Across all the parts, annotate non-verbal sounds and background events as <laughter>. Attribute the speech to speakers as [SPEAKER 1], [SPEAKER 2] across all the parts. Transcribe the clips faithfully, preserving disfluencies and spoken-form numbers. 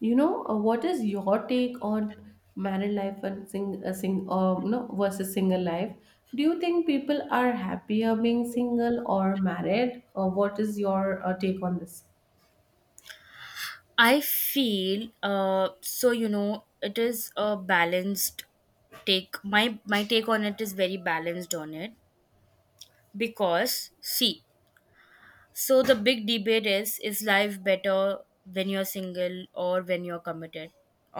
[SPEAKER 1] You know, uh, what is your take on married life and sing, uh, sing, uh, you know, versus single life? Do you think people are happier being single or married? Uh, what is your uh, take on this?
[SPEAKER 2] I feel, uh, so, you know, it is a balanced take. My my take on it is very balanced on it because, see, so the big debate is is life better when you're single or when you're committed?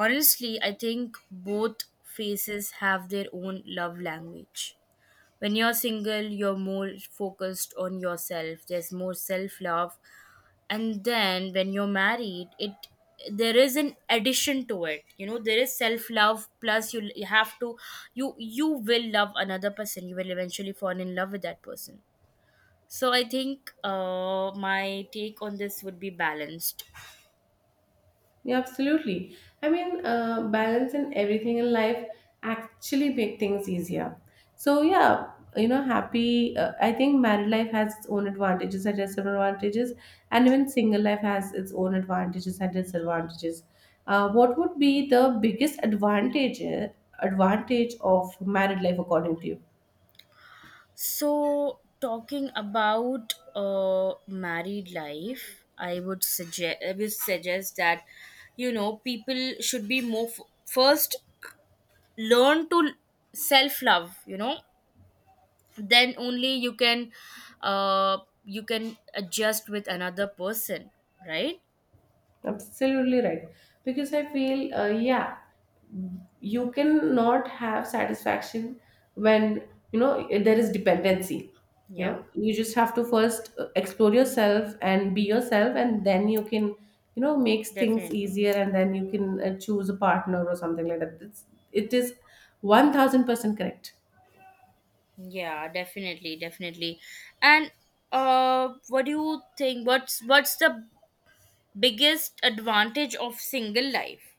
[SPEAKER 2] Honestly, I think both faces have their own love language. When you're single, you're more focused on yourself. There's more self love. And then when you're married, it, there is an addition to it, you know, there is self love plus you, you have to, you you will love another person. You will eventually fall in love with that person. So I think uh my take on this would be balanced.
[SPEAKER 1] Yeah, absolutely. I mean, uh, balance in everything in life actually make things easier. So yeah, you know, happy. Uh, I think married life has its own advantages and disadvantages, and even single life has its own advantages and disadvantages. Uh, what would be the biggest advantage advantage of married life according to you?
[SPEAKER 2] So, talking about uh, married life, I would suggest, I would suggest that, you know, people should be more f- first learn to self love. You know, then only you can, uh, you can adjust with another person, right?
[SPEAKER 1] Absolutely right. Because I feel, uh, yeah, you cannot have satisfaction when, you know, there is dependency. You
[SPEAKER 2] Yeah,
[SPEAKER 1] know, you just have to first uh, explore yourself and be yourself, and then you can, you know, makes things
[SPEAKER 2] definitely.
[SPEAKER 1] easier, and then you can uh, choose a partner or something like that. It's, it is one thousand percent correct.
[SPEAKER 2] Yeah, definitely, definitely. And uh, what do you think? What's what's the biggest advantage of single life?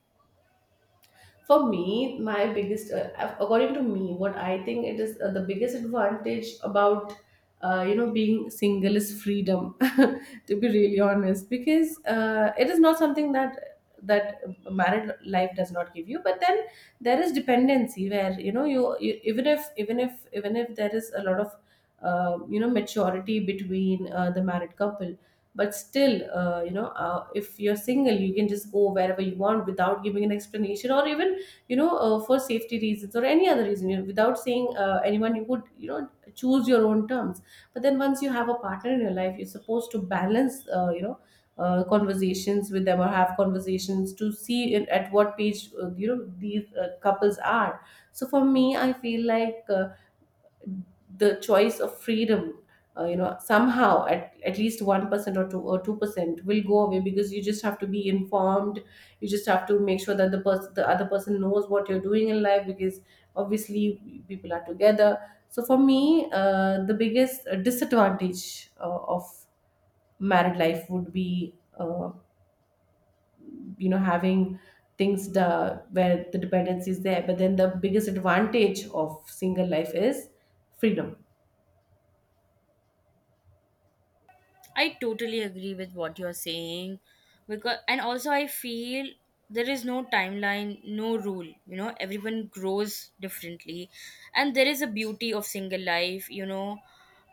[SPEAKER 1] For me, my biggest uh, uh, according to me, what I think it is uh, the biggest advantage about uh, you know being single is freedom <laughs> to be really honest, because uh, it is not something that that married life does not give you. But then there is dependency where you know you, you even if even if even if there is a lot of uh, you know maturity between uh, the married couple, but still uh, you know uh, if you're single, you can just go wherever you want without giving an explanation, or even you know uh, for safety reasons or any other reason, you know, without saying uh, anyone, you would you know choose your own terms. But then once you have a partner in your life, you're supposed to balance uh, you know uh, conversations with them, or have conversations to see in, at what page uh, you know these uh, couples are. So for me, i feel like uh, the choice of freedom uh, you know somehow at, at least one percent or two or two percent will go away, because you just have to be informed. You just have to make sure that the person the other person knows what you're doing in life, because obviously people are together. So for me, uh, the biggest uh, disadvantage uh, of married life would be uh, you know having things the, where the dependency is there. But then the biggest advantage of single life is freedom.
[SPEAKER 2] I totally agree with what you're saying, because, and also I feel there is no timeline, no rule, you know, everyone grows differently, and there is a beauty of single life, you know.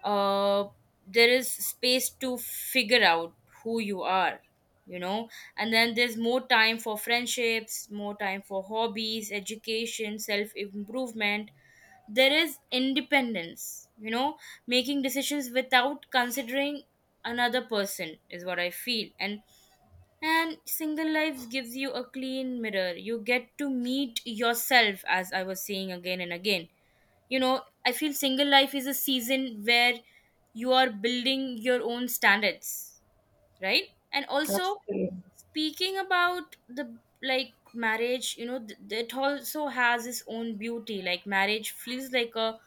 [SPEAKER 2] Uh there is space to figure out who you are, you know, and then there's more time for friendships, more time for hobbies, education, self-improvement. There is independence, you know, making decisions without considering another person, is what I feel. And and single life gives you a clean mirror. You get to meet yourself, as I was saying again and again. You know, I feel single life is a season where you are building your own standards, right? And also,
[SPEAKER 1] Absolutely.
[SPEAKER 2] speaking about the, like, marriage, you know, th- it also has its own beauty. Like, marriage feels like a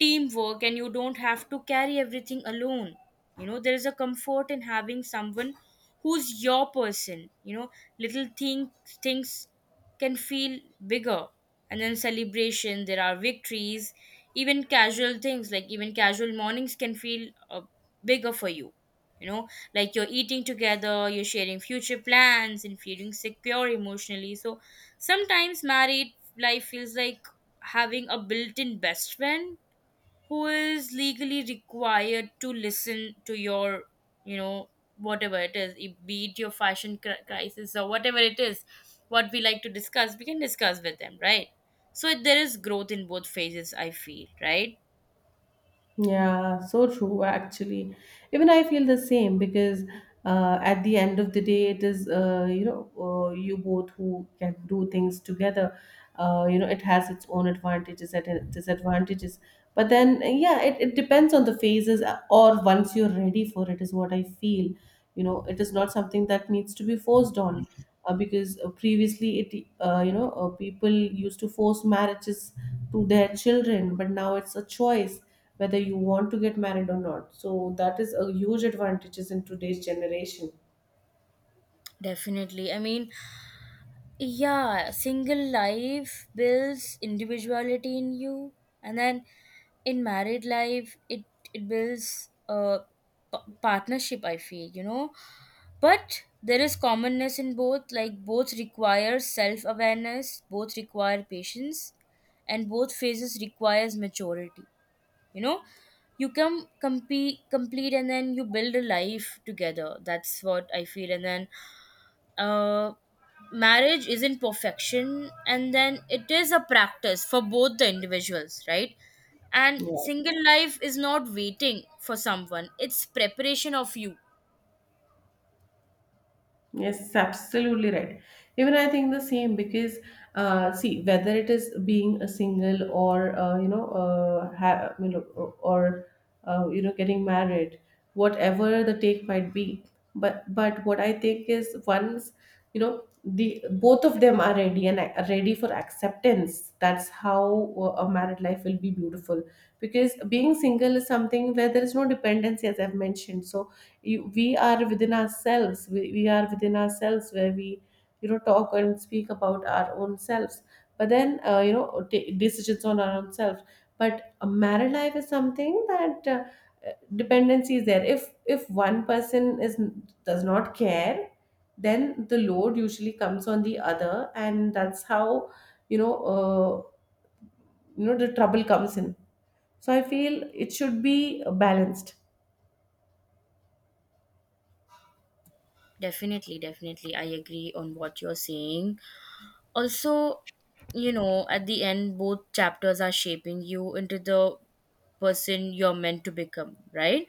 [SPEAKER 2] teamwork, and you don't have to carry everything alone. You know, there is a comfort in having someone who's your person, you know. Little thing Things can feel bigger, and then celebration, there are victories. Even casual things, like, even casual mornings can feel uh, bigger for you, you know, like, you're eating together, you're sharing future plans and feeling secure emotionally. So sometimes married life feels like having a built-in best friend who is legally required to listen to your, you know, whatever it is, it- be it your fashion cri- crisis or whatever it is. What we like to discuss, we can discuss with them, right? So there is growth in both phases, I feel, right?
[SPEAKER 1] Yeah, so true, actually. Even I feel the same, because uh, at the end of the day, it is, uh, you know, uh, you both who can do things together. Uh, you know, it has its own advantages and it- disadvantages. But then, yeah, it, it depends on the phases uh, or once you're ready for it, is what I feel. You know, it is not something that needs to be forced on, uh, because uh, previously it, uh, you know, uh, people used to force marriages to their children, but now it's a choice whether you want to get married or not. So that is a huge advantages in today's generation.
[SPEAKER 2] Definitely. I mean, yeah, single life builds individuality in you. And then in married life, it it builds a p- partnership, I feel, you know. But there is commonness in both. Like, both require self awareness, both require patience, and both phases requires maturity, you know. You can compete complete, and then you build a life together. That's what I feel. And then, uh, marriage isn't perfection, and then it is a practice for both the individuals, right? And
[SPEAKER 1] Yeah.
[SPEAKER 2] single life is not waiting for someone, it's preparation of you.
[SPEAKER 1] Yes, absolutely right. Even I think the same because, uh, see, whether it is being a single or uh, you know, uh, ha- you know, or uh, you know, getting married, whatever the take might be. But but what I think is, once you know the both of them are ready and are ready for acceptance, that's how uh, a married life will be beautiful. Because being single is something where there is no dependency, as I've mentioned. So you, we are within ourselves, we, we are within ourselves, where we you know talk and speak about our own selves, but then uh, you know take decisions on our own selves. But a married life is something that uh, dependency is there. If if one person is does not care, then the load usually comes on the other, and that's how you know uh, you know the trouble comes in. So I feel it should be balanced.
[SPEAKER 2] Definitely, definitely, I agree on what you're saying. Also, you know, at the end, both chapters are shaping you into the person you're meant to become, right?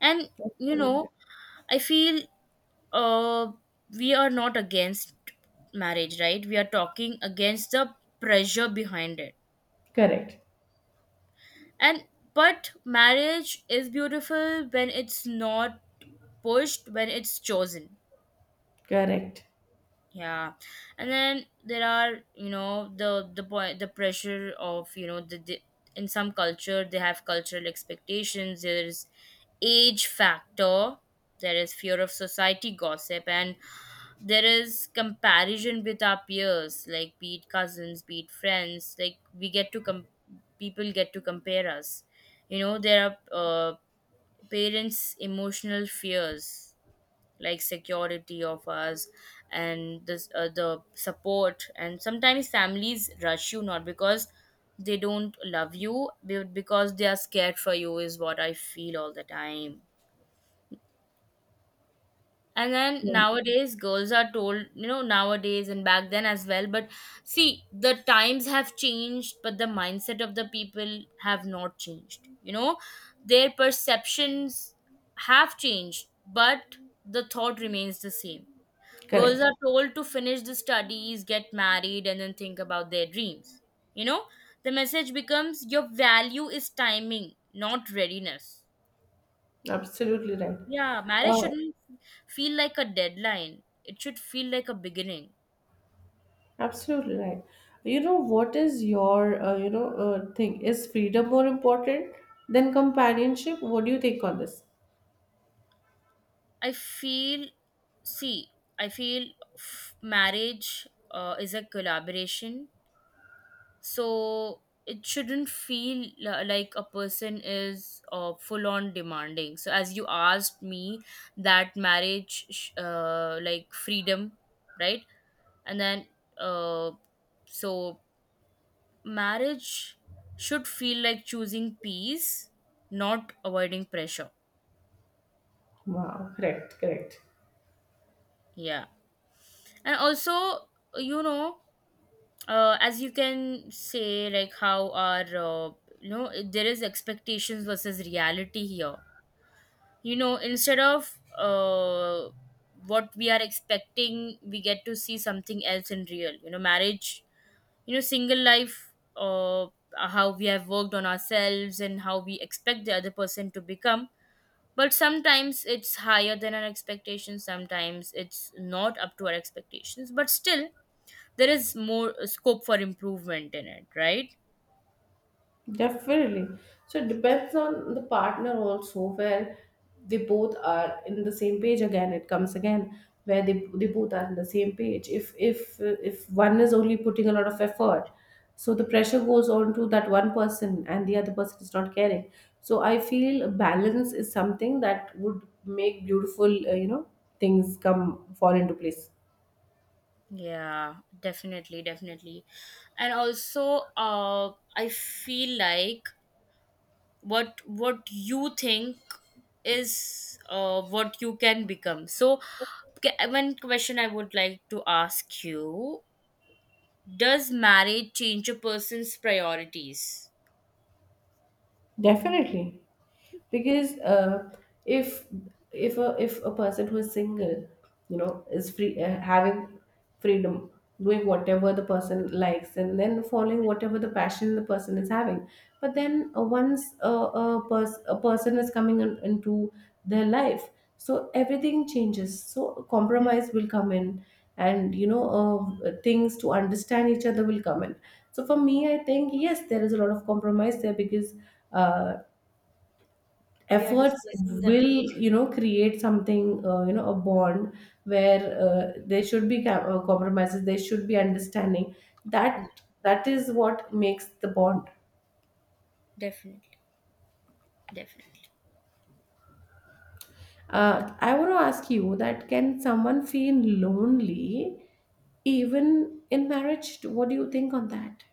[SPEAKER 2] And, you
[SPEAKER 1] Absolutely.
[SPEAKER 2] know, I feel, uh we are not against marriage, right? We are talking against the pressure behind it.
[SPEAKER 1] Correct,
[SPEAKER 2] And But marriage is beautiful when it's not pushed, when it's chosen.
[SPEAKER 1] correct.
[SPEAKER 2] Yeah. And then there are, you know, the the point, the pressure of, you know, the, the in some culture they have cultural expectations, there's age factor, there is fear of society gossip, and there is comparison with our peers, like, be it cousins, be it friends, like, we get to com- people get to compare us, you know. There are, uh, parents emotional fears, like security of us, and this, uh, the support. And sometimes families rush you, not because they don't love you, but because they are scared for you, is what I feel all the time. And then
[SPEAKER 1] Yeah,
[SPEAKER 2] nowadays, girls are told, you know, nowadays and back then as well. But see, the times have changed, but the mindset of the people have not changed. You know, their perceptions have changed, but the thought remains the same. Girls are
[SPEAKER 1] correct.
[SPEAKER 2] told to finish the studies, get married, and then think about their dreams. You know, the message becomes your value is timing, not readiness.
[SPEAKER 1] Absolutely right.
[SPEAKER 2] Yeah, marriage
[SPEAKER 1] Uh,
[SPEAKER 2] shouldn't feel like a deadline. It should feel like a beginning.
[SPEAKER 1] absolutely right. You know, what is your, uh, you know, uh, thing? Is freedom more important than companionship? What do you think on this?
[SPEAKER 2] I feel, see, I feel f- marriage uh, is a collaboration. So it shouldn't feel li- like a person is, uh, full on demanding. So, as you asked me that marriage, sh- uh, like freedom, right? And then, uh so marriage should feel like choosing peace, not avoiding pressure.
[SPEAKER 1] Wow, correct, correct.
[SPEAKER 2] Yeah. And also, you know, uh, as you can say, like, how our, uh, you know, there is expectations versus reality here. You know, instead of uh, what we are expecting, we get to see something else in real, you know, marriage, you know, single life, uh, how we have worked on ourselves and how we expect the other person to become. But sometimes it's higher than our expectations, sometimes it's not up to our expectations, but still there is more uh, scope for improvement in it, right?
[SPEAKER 1] Definitely. So it depends on the partner also, where they both are in the same page. Again it comes again, where they, they both are in the same page. If if if one is only putting a lot of effort, so the pressure goes on to that one person, and the other person is not caring. So I feel balance is something that would make beautiful, uh, you know things come fall into place.
[SPEAKER 2] Yeah, definitely, definitely. And also, uh I feel like, what what you think is, uh what you can become. So, ca- one question I would like to ask you: does marriage change a person's priorities?
[SPEAKER 1] Definitely, because uh, if if a, if a person who is single, you know, is free, uh, having freedom, doing whatever the person likes, and then following whatever the passion the person is having. But then uh, once a, a, pers- a person is coming in, into their life, so everything changes. So compromise will come in, and you know uh, things to understand each other will come in. So for me, I think yes, there is a lot of compromise there, because uh,
[SPEAKER 2] We are
[SPEAKER 1] efforts
[SPEAKER 2] discussing that.
[SPEAKER 1] will, you know create something, uh, you know a bond where uh, there should be ca- uh, compromises, there should be understanding. That that is what makes the bond.
[SPEAKER 2] Definitely, definitely.
[SPEAKER 1] Uh, I want to ask you, that can someone feel lonely even in marriage? What do you think on that?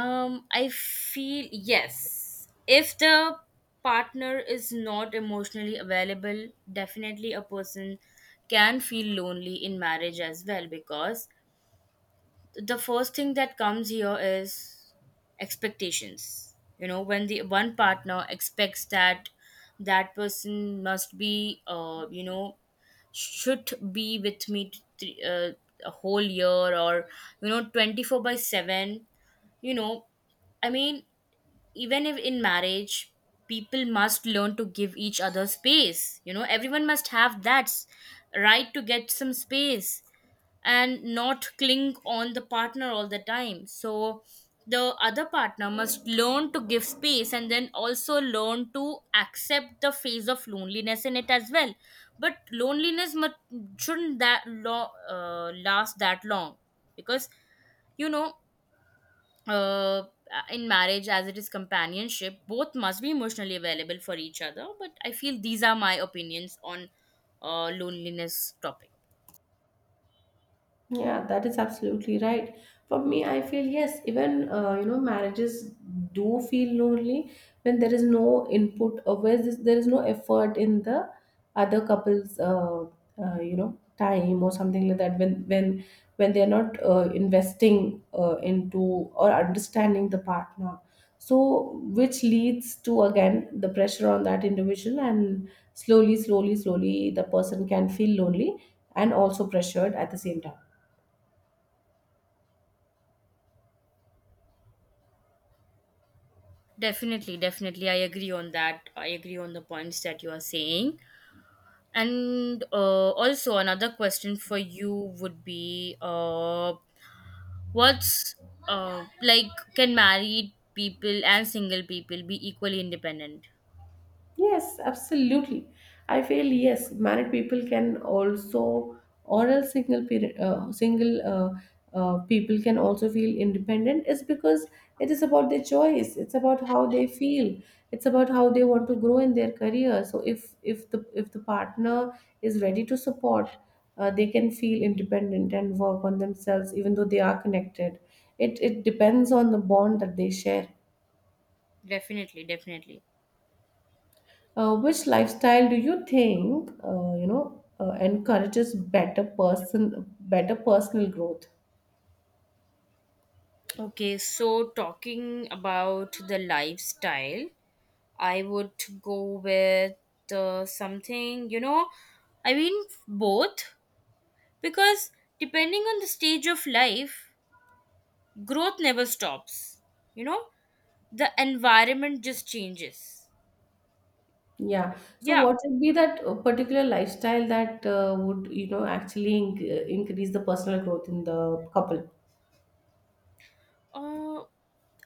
[SPEAKER 2] Um, I feel yes. If the partner is not emotionally available, definitely a person can feel lonely in marriage as well, because the first thing that comes here is expectations. You know, when the one partner expects that that person must be, uh, you know, should be with me, th- uh, a whole year or, you know, twenty four by seven, you know. I mean, even if in marriage, people must learn to give each other space, you know. Everyone must have that s- right to get some space and not cling on the partner all the time. So the other partner must learn to give space, and then also learn to accept the phase of loneliness in it as well. But loneliness must, shouldn't that lo- uh, last that long, because, you know, uh, in marriage, as it is companionship, both must be emotionally available for each other. But I feel these are my opinions on uh, loneliness topic.
[SPEAKER 1] Yeah, that is absolutely right. For me, I feel yes, even uh, you know, marriages do feel lonely when there is no input, or where this, there is no effort in the other couple's uh, uh, you know time or something like that. When when when they are not uh, investing uh, into or understanding the partner, so which leads to again the pressure on that individual, and slowly, slowly, slowly, the person can feel lonely and also pressured at the same time.
[SPEAKER 2] Definitely, definitely, I agree on that. I agree on the points that you are saying. And uh, also, another question for you would be, uh, what's, uh, like, can married people and single people be equally independent?
[SPEAKER 1] Yes, absolutely. I feel yes, married people can also, or else single period, uh, single uh, uh, people can also feel independent. Is because it is about their choice. It's about how they feel. It's about how they want to grow in their career. So if if the if the partner is ready to support, uh, they can feel independent and work on themselves, even though they are connected. It it depends on the bond that they share.
[SPEAKER 2] Definitely, definitely.
[SPEAKER 1] Uh, which lifestyle do you think uh, you know uh, encourages better person better personal growth?
[SPEAKER 2] Okay, so talking about the lifestyle, I would go with uh, something, you know, I mean, both. Because, depending on the stage of life, growth never stops. You know, the environment just changes.
[SPEAKER 1] Yeah. So
[SPEAKER 2] Yeah.
[SPEAKER 1] what would be that uh, particular lifestyle that uh, would, you know, actually in- uh, increase the personal growth in the couple?
[SPEAKER 2] Uh,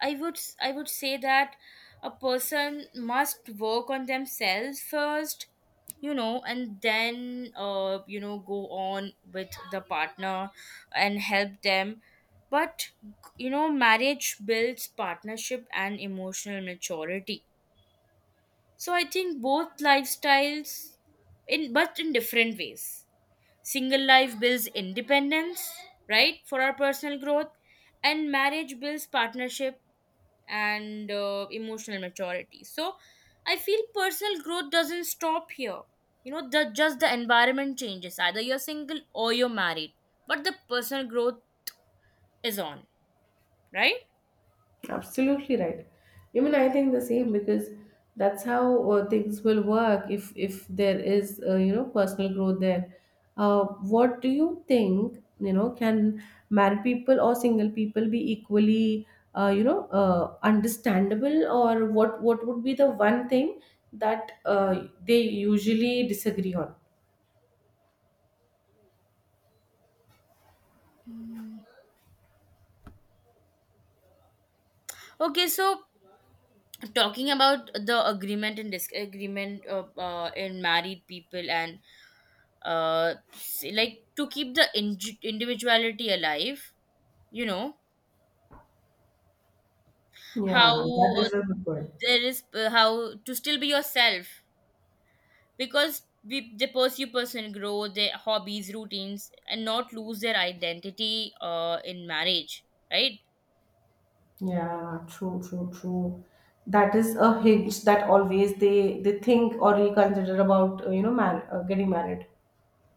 [SPEAKER 2] I would s- I would say that a person must work on themselves first, you know, and then, uh, you know, go on with the partner and help them. But, you know, marriage builds partnership and emotional maturity. So I think both lifestyles, in but in different ways. Single life builds independence, right, for our personal growth, and marriage builds partnership and uh, emotional maturity. So I feel personal growth doesn't stop here, you know. The Just the environment changes, either you're single or you're married. But the personal growth is on, right?
[SPEAKER 1] Absolutely right. Even I think the same, because that's how uh, things will work, if if there is uh, you know personal growth there. Uh, what do you think? You know, can married people or single people be equally uh, you know uh, understandable, or what what would be the one thing that uh, they usually disagree on?
[SPEAKER 2] Okay, so talking about the agreement and disagreement, uh, uh, in married people, and uh, s- like, to keep the indi- individuality alive, you know, how,
[SPEAKER 1] Yeah, that
[SPEAKER 2] uh,
[SPEAKER 1] is a good point.
[SPEAKER 2] there is uh, how to still be yourself, because we they pursue personal growth, their hobbies, routines, and not lose their identity, uh, in marriage, right?
[SPEAKER 1] Yeah, true, true, true. That is a hitch that always they they think or reconsider about, uh, you know man, uh, getting married.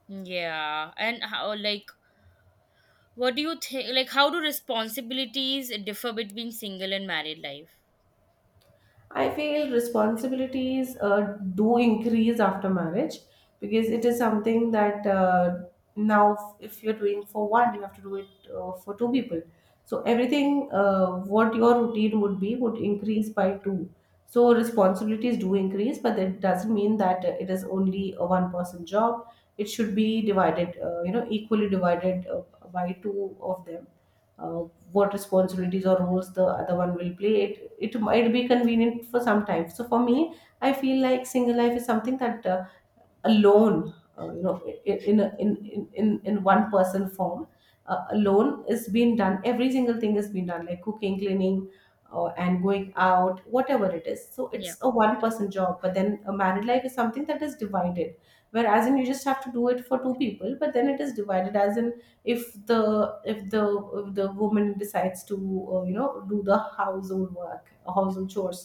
[SPEAKER 2] Yeah, and how, like, what do you think? Like, how do responsibilities differ between single and married life?
[SPEAKER 1] I feel responsibilities uh, do increase after marriage, because it is something that uh, now, if you're doing for one, you have to do it uh, for two people. So everything uh, what your routine would be would increase by two. So responsibilities do increase, but that doesn't mean that uh, it is only a one person job. It should be divided, uh, you know, equally divided uh, by two of them uh, what responsibilities or roles the other one will play, it it might be convenient for some time. So for me, I feel like single life is something that uh, alone, uh, you know in in, in in in one person form, uh, alone is being done, every single thing is being done, like cooking, cleaning, uh, and going out, whatever it is. So
[SPEAKER 2] Yeah,
[SPEAKER 1] it's a one person job, but then a married life is something that is divided, whereas in you just have to do it for two people, but then it is divided as in if the if the if the woman decides to uh, you know do the household work, household chores,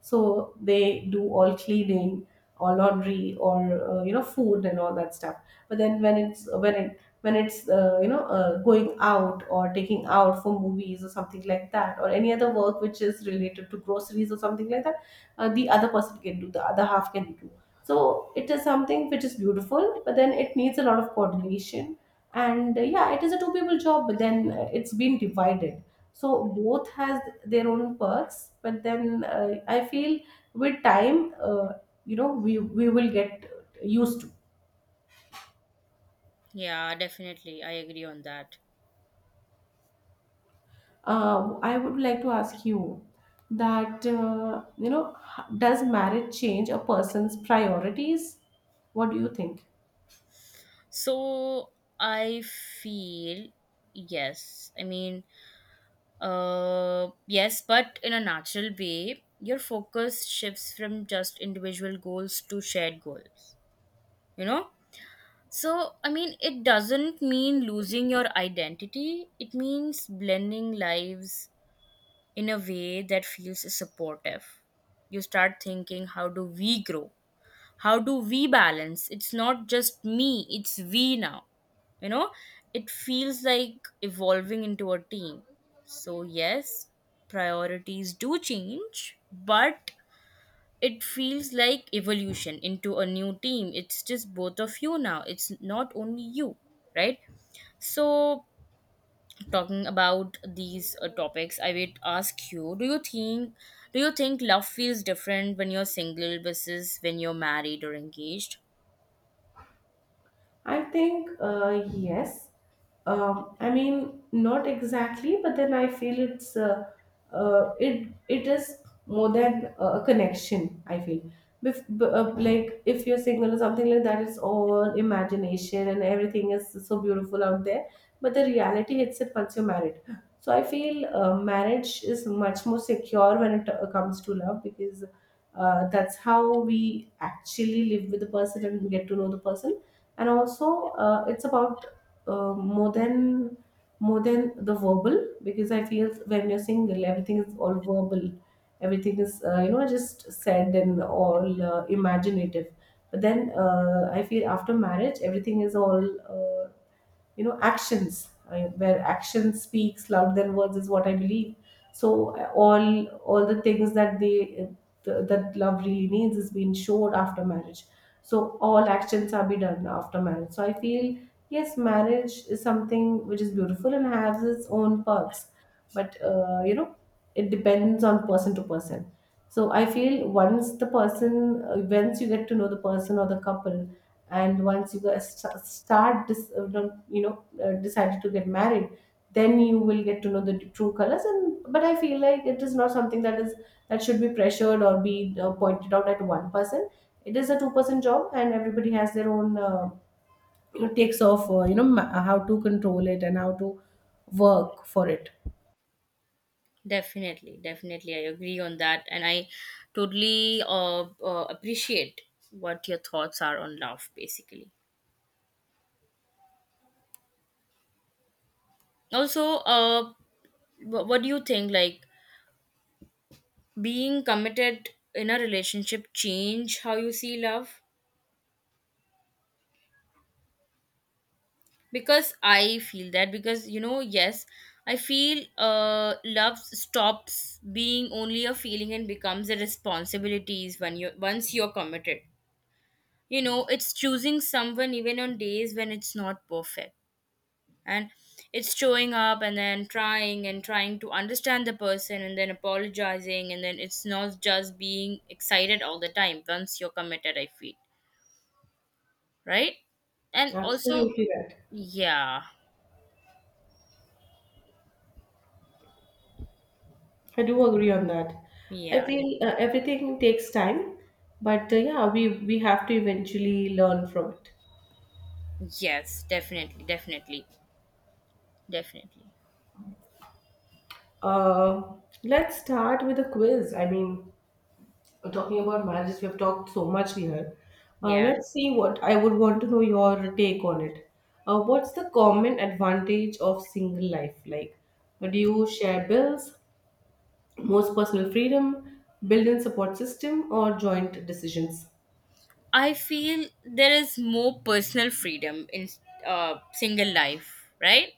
[SPEAKER 1] so they do all cleaning or laundry or uh, you know food and all that stuff. But then when it's when it when it's uh, you know uh, going out or taking out for movies or something like that, or any other work which is related to groceries or something like that, uh, the other person can do, the other half can do. So it is something which is beautiful, but then it needs a lot of coordination. And uh, yeah, it is a two people job, but then uh, it's been divided. So both has their own perks, but then uh, I feel with time uh, you know we we will get used to.
[SPEAKER 2] yeah, definitely, I agree on that.
[SPEAKER 1] uh, I would like to ask you that uh, you know h- does marriage change a person's priorities? What do you think?
[SPEAKER 2] So I feel yes. I mean, uh, yes, but in a natural way, your focus shifts from just individual goals to shared goals. You know, so, I mean, it doesn't mean losing your identity, it means blending lives in a way that feels supportive. You start thinking, how do we grow? How do we balance? It's not just me, it's we now, you know. It feels like evolving into a team. So yes, priorities do change, but it feels like evolution into a new team. It's just both of you now, it's not only you, right? So, talking about these uh, topics, I would ask you, do you think, do you think love feels different when you're single versus when you're married or engaged?
[SPEAKER 1] I think uh, yes. Um, I mean, not exactly, but then I feel it's uh, uh, it it is more than a connection. I feel, Bef- b- uh, like if you're single or something like that, it's all imagination and everything is so beautiful out there. But the reality hits it once you're married. So I feel uh, marriage is much more secure when it uh, comes to love, because uh, that's how we actually live with the person and get to know the person. And also uh, it's about uh, more than more than the verbal, because I feel when you're single everything is all verbal, everything is uh, you know just said and all uh, imaginative. But then uh, I feel after marriage everything is all uh, you know actions. I mean, where action speaks louder than words is what I believe. So uh, all all the things that they the, that love really needs is being showed after marriage. So all actions are be done after marriage. So I feel yes, marriage is something which is beautiful and has its own perks, but uh, you know it depends on person to person. So I feel once the person uh, once you get to know the person or the couple, and once you guys st- start dis- uh, don't- you know uh, decided to get married, then you will get to know the true colors. And but I feel like it is not something that is that should be pressured or be uh, pointed out at one person. It is a two person job and everybody has their own uh, you know, takes off, uh, you know ma- how to control it and how to work for it.
[SPEAKER 2] Definitely, definitely, I agree on that. And I totally uh, uh, appreciate what your thoughts are on love, basically. Also, uh wh- what do you think, like, being committed in a relationship change how you see love? Because I feel that, because, you know, yes, I feel uh love stops being only a feeling and becomes a responsibilities when you once you're committed, you know. It's choosing someone even on days when it's not perfect, and it's showing up, and then trying, and trying to understand the person, and then apologizing, and then it's not just being excited all the time once you're committed, I feel, right? And also,
[SPEAKER 1] Absolutely right.
[SPEAKER 2] yeah,
[SPEAKER 1] I do agree on that. I
[SPEAKER 2] yeah,
[SPEAKER 1] feel uh, everything takes time, but uh, yeah, we we have to eventually learn from it.
[SPEAKER 2] yes, definitely, definitely, definitely.
[SPEAKER 1] Uh, let's start with a quiz. I mean, talking about marriages, we have talked so much here. Uh,
[SPEAKER 2] Yeah.
[SPEAKER 1] let's see, what I would want to know your take on it. Uh, what's the common advantage of single life? Like, do you share bills, most personal freedom, build in support system, or joint decisions?
[SPEAKER 2] I feel there is more personal freedom in uh, single life, right?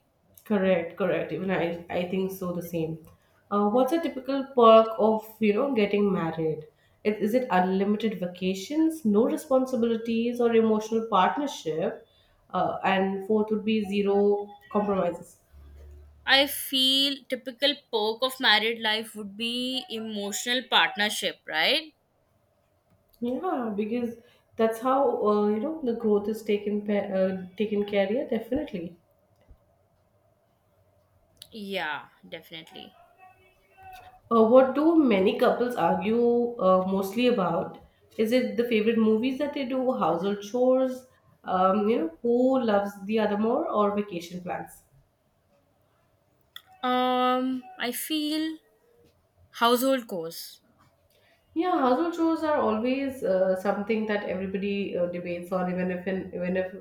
[SPEAKER 1] Correct, correct. Even I, I think so the same. Uh, what's a typical perk of you know getting married? Is, is it unlimited vacations, no responsibilities, or emotional partnership? Uh, and fourth would be zero compromises.
[SPEAKER 2] I feel typical perk of married life would be emotional partnership, right?
[SPEAKER 1] Yeah, because that's how uh, you know the growth is taken pa- uh, taken care. Yeah, definitely.
[SPEAKER 2] Yeah, definitely.
[SPEAKER 1] Uh, what do many couples argue uh, mostly about? Is it the favorite movies that they do, household chores, um, you know, who loves the other more, or vacation plans?
[SPEAKER 2] Um, I feel household chores.
[SPEAKER 1] Yeah, household chores are always uh, something that everybody uh, debates on. Even if in, even if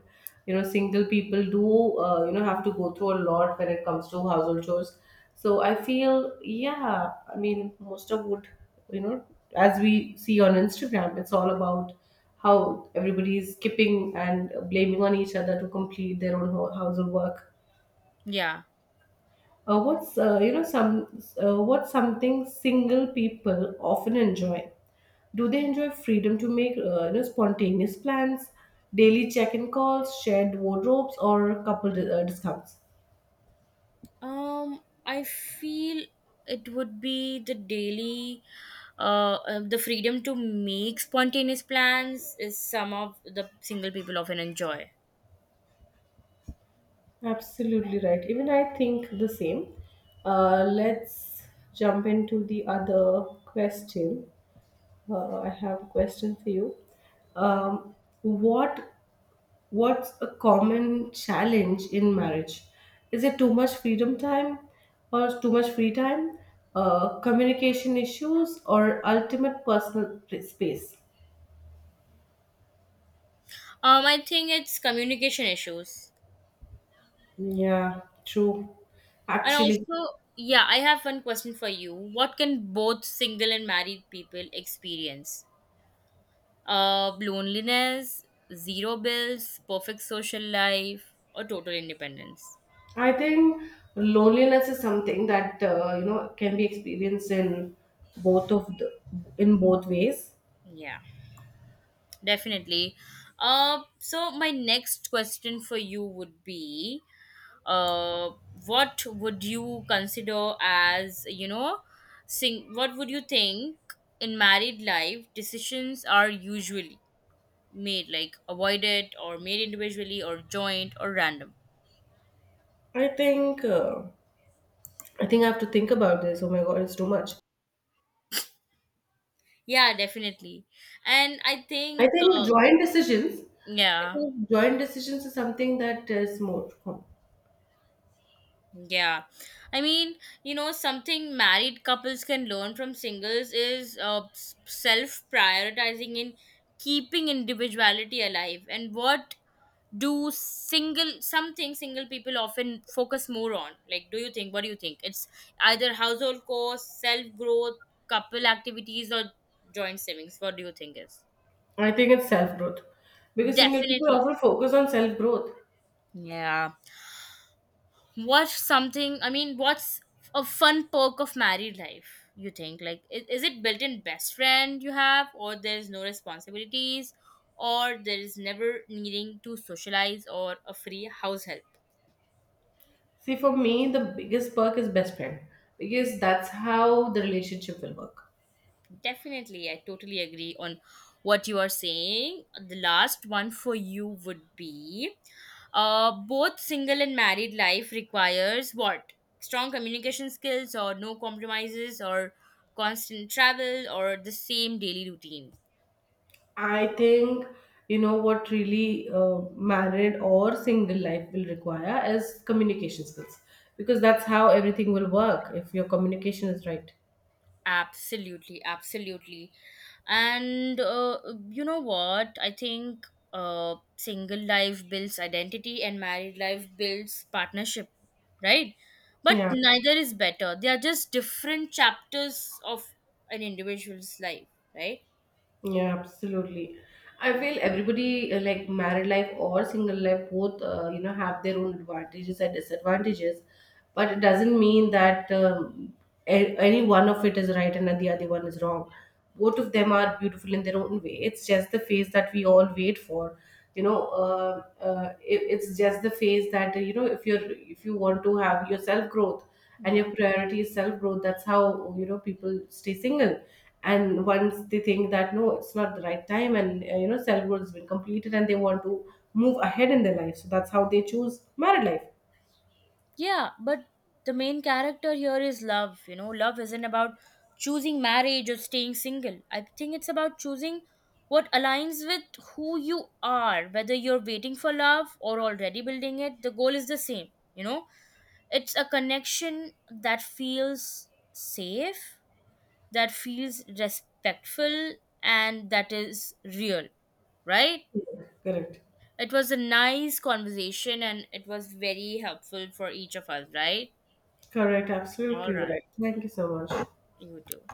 [SPEAKER 1] you know single people do uh, you know have to go through a lot when it comes to household chores. So I feel yeah, I mean most of would you know, as we see on Instagram, it's all about how everybody is skipping and blaming on each other to complete their own ho- household work.
[SPEAKER 2] Yeah.
[SPEAKER 1] Uh, what's uh, you know some uh, what's something single people often enjoy? Do they enjoy freedom to make uh, you know, spontaneous plans, daily check-in calls, shared wardrobes, or couple di- uh, discounts?
[SPEAKER 2] Um, I feel it would be the daily, uh, uh, the freedom to make spontaneous plans, is some of the single people often enjoy.
[SPEAKER 1] Absolutely right. Even I think the same. Uh, let's jump into the other question. Uh, I have a question for you. Um, what What's a common challenge in marriage? Is it too much freedom time, or too much free time? Uh, communication issues, or ultimate personal pl- space?
[SPEAKER 2] Um, I think it's communication issues.
[SPEAKER 1] Yeah, true.
[SPEAKER 2] And
[SPEAKER 1] Actually,
[SPEAKER 2] also, yeah, I have one question for you. What can both single and married people experience? Uh, loneliness, zero bills, perfect social life, or total independence?
[SPEAKER 1] I think loneliness is something that uh, you know can be experienced in both of the in both ways.
[SPEAKER 2] Yeah. Definitely. Uh, so my next question for you would be, uh, what would you consider as, you know, sing what would you think in married life decisions are usually made, like, avoided or made individually, or joint, or random?
[SPEAKER 1] I think uh, I think I have to think about this. Oh my god, it's too much.
[SPEAKER 2] Yeah, definitely. And I
[SPEAKER 1] I
[SPEAKER 2] think,
[SPEAKER 1] think
[SPEAKER 2] uh,
[SPEAKER 1] joint decisions,
[SPEAKER 2] yeah.
[SPEAKER 1] because joint decisions is something that is more.
[SPEAKER 2] Yeah. I mean, you know, something married couples can learn from singles is uh, self prioritizing in keeping individuality alive. And what do single, something single people often focus more on? Like, do you think, what do you think? It's either household costs, self growth, couple activities, or joint savings. What do you think is?
[SPEAKER 1] I think it's self growth, because single people
[SPEAKER 2] Definitely.
[SPEAKER 1] often focus on self growth.
[SPEAKER 2] Yeah. What's something? I mean, what's a fun perk of married life? You think, like, is, is it built-in best friend you have, or there's no responsibilities, or there is never needing to socialize, or a free house help?
[SPEAKER 1] See, for me, the biggest perk is best friend, because that's how the relationship will work.
[SPEAKER 2] Definitely, I totally agree on what you are saying. The last one for you would be, uh, both single and married life requires what? Strong communication skills, or no compromises, or constant travel, or the same daily routine.
[SPEAKER 1] I think you know what really uh, married or single life will require is communication skills, because that's how everything will work if your communication is right.
[SPEAKER 2] Absolutely, absolutely. And uh, you know what? I think uh, single life builds identity and married life builds partnership, right? But
[SPEAKER 1] Yeah.
[SPEAKER 2] neither is better. They are just different chapters of an individual's life, right?
[SPEAKER 1] Yeah, absolutely. I feel everybody uh, like married life or single life both uh, you know have their own advantages and disadvantages, but it doesn't mean that um, a- any one of it is right and the other one is wrong. Both of them are beautiful in their own way. It's just the phase that we all wait for. You know, uh, uh, it, it's just the phase that uh, you know if you're if you want to have your self growth and
[SPEAKER 2] Yeah.
[SPEAKER 1] your priority is self growth, that's how you know people stay single. And once they think that no, it's not the right time, and uh, you know self growth has been completed and they want to move ahead in their life, so that's how they choose married
[SPEAKER 2] Yeah, but the main character here is love. You know, love isn't about choosing marriage or staying single. I think it's about choosing what aligns with who you are, whether you're waiting for love or already building it. The goal is the same. You know, it's a connection that feels safe, that feels respectful, and that is real, right?
[SPEAKER 1] life. Correct,
[SPEAKER 2] It was a nice conversation, and it was very helpful for each of us, right?
[SPEAKER 1] correct,
[SPEAKER 2] All
[SPEAKER 1] absolutely
[SPEAKER 2] right.
[SPEAKER 1] right, thank you so much.
[SPEAKER 2] You do.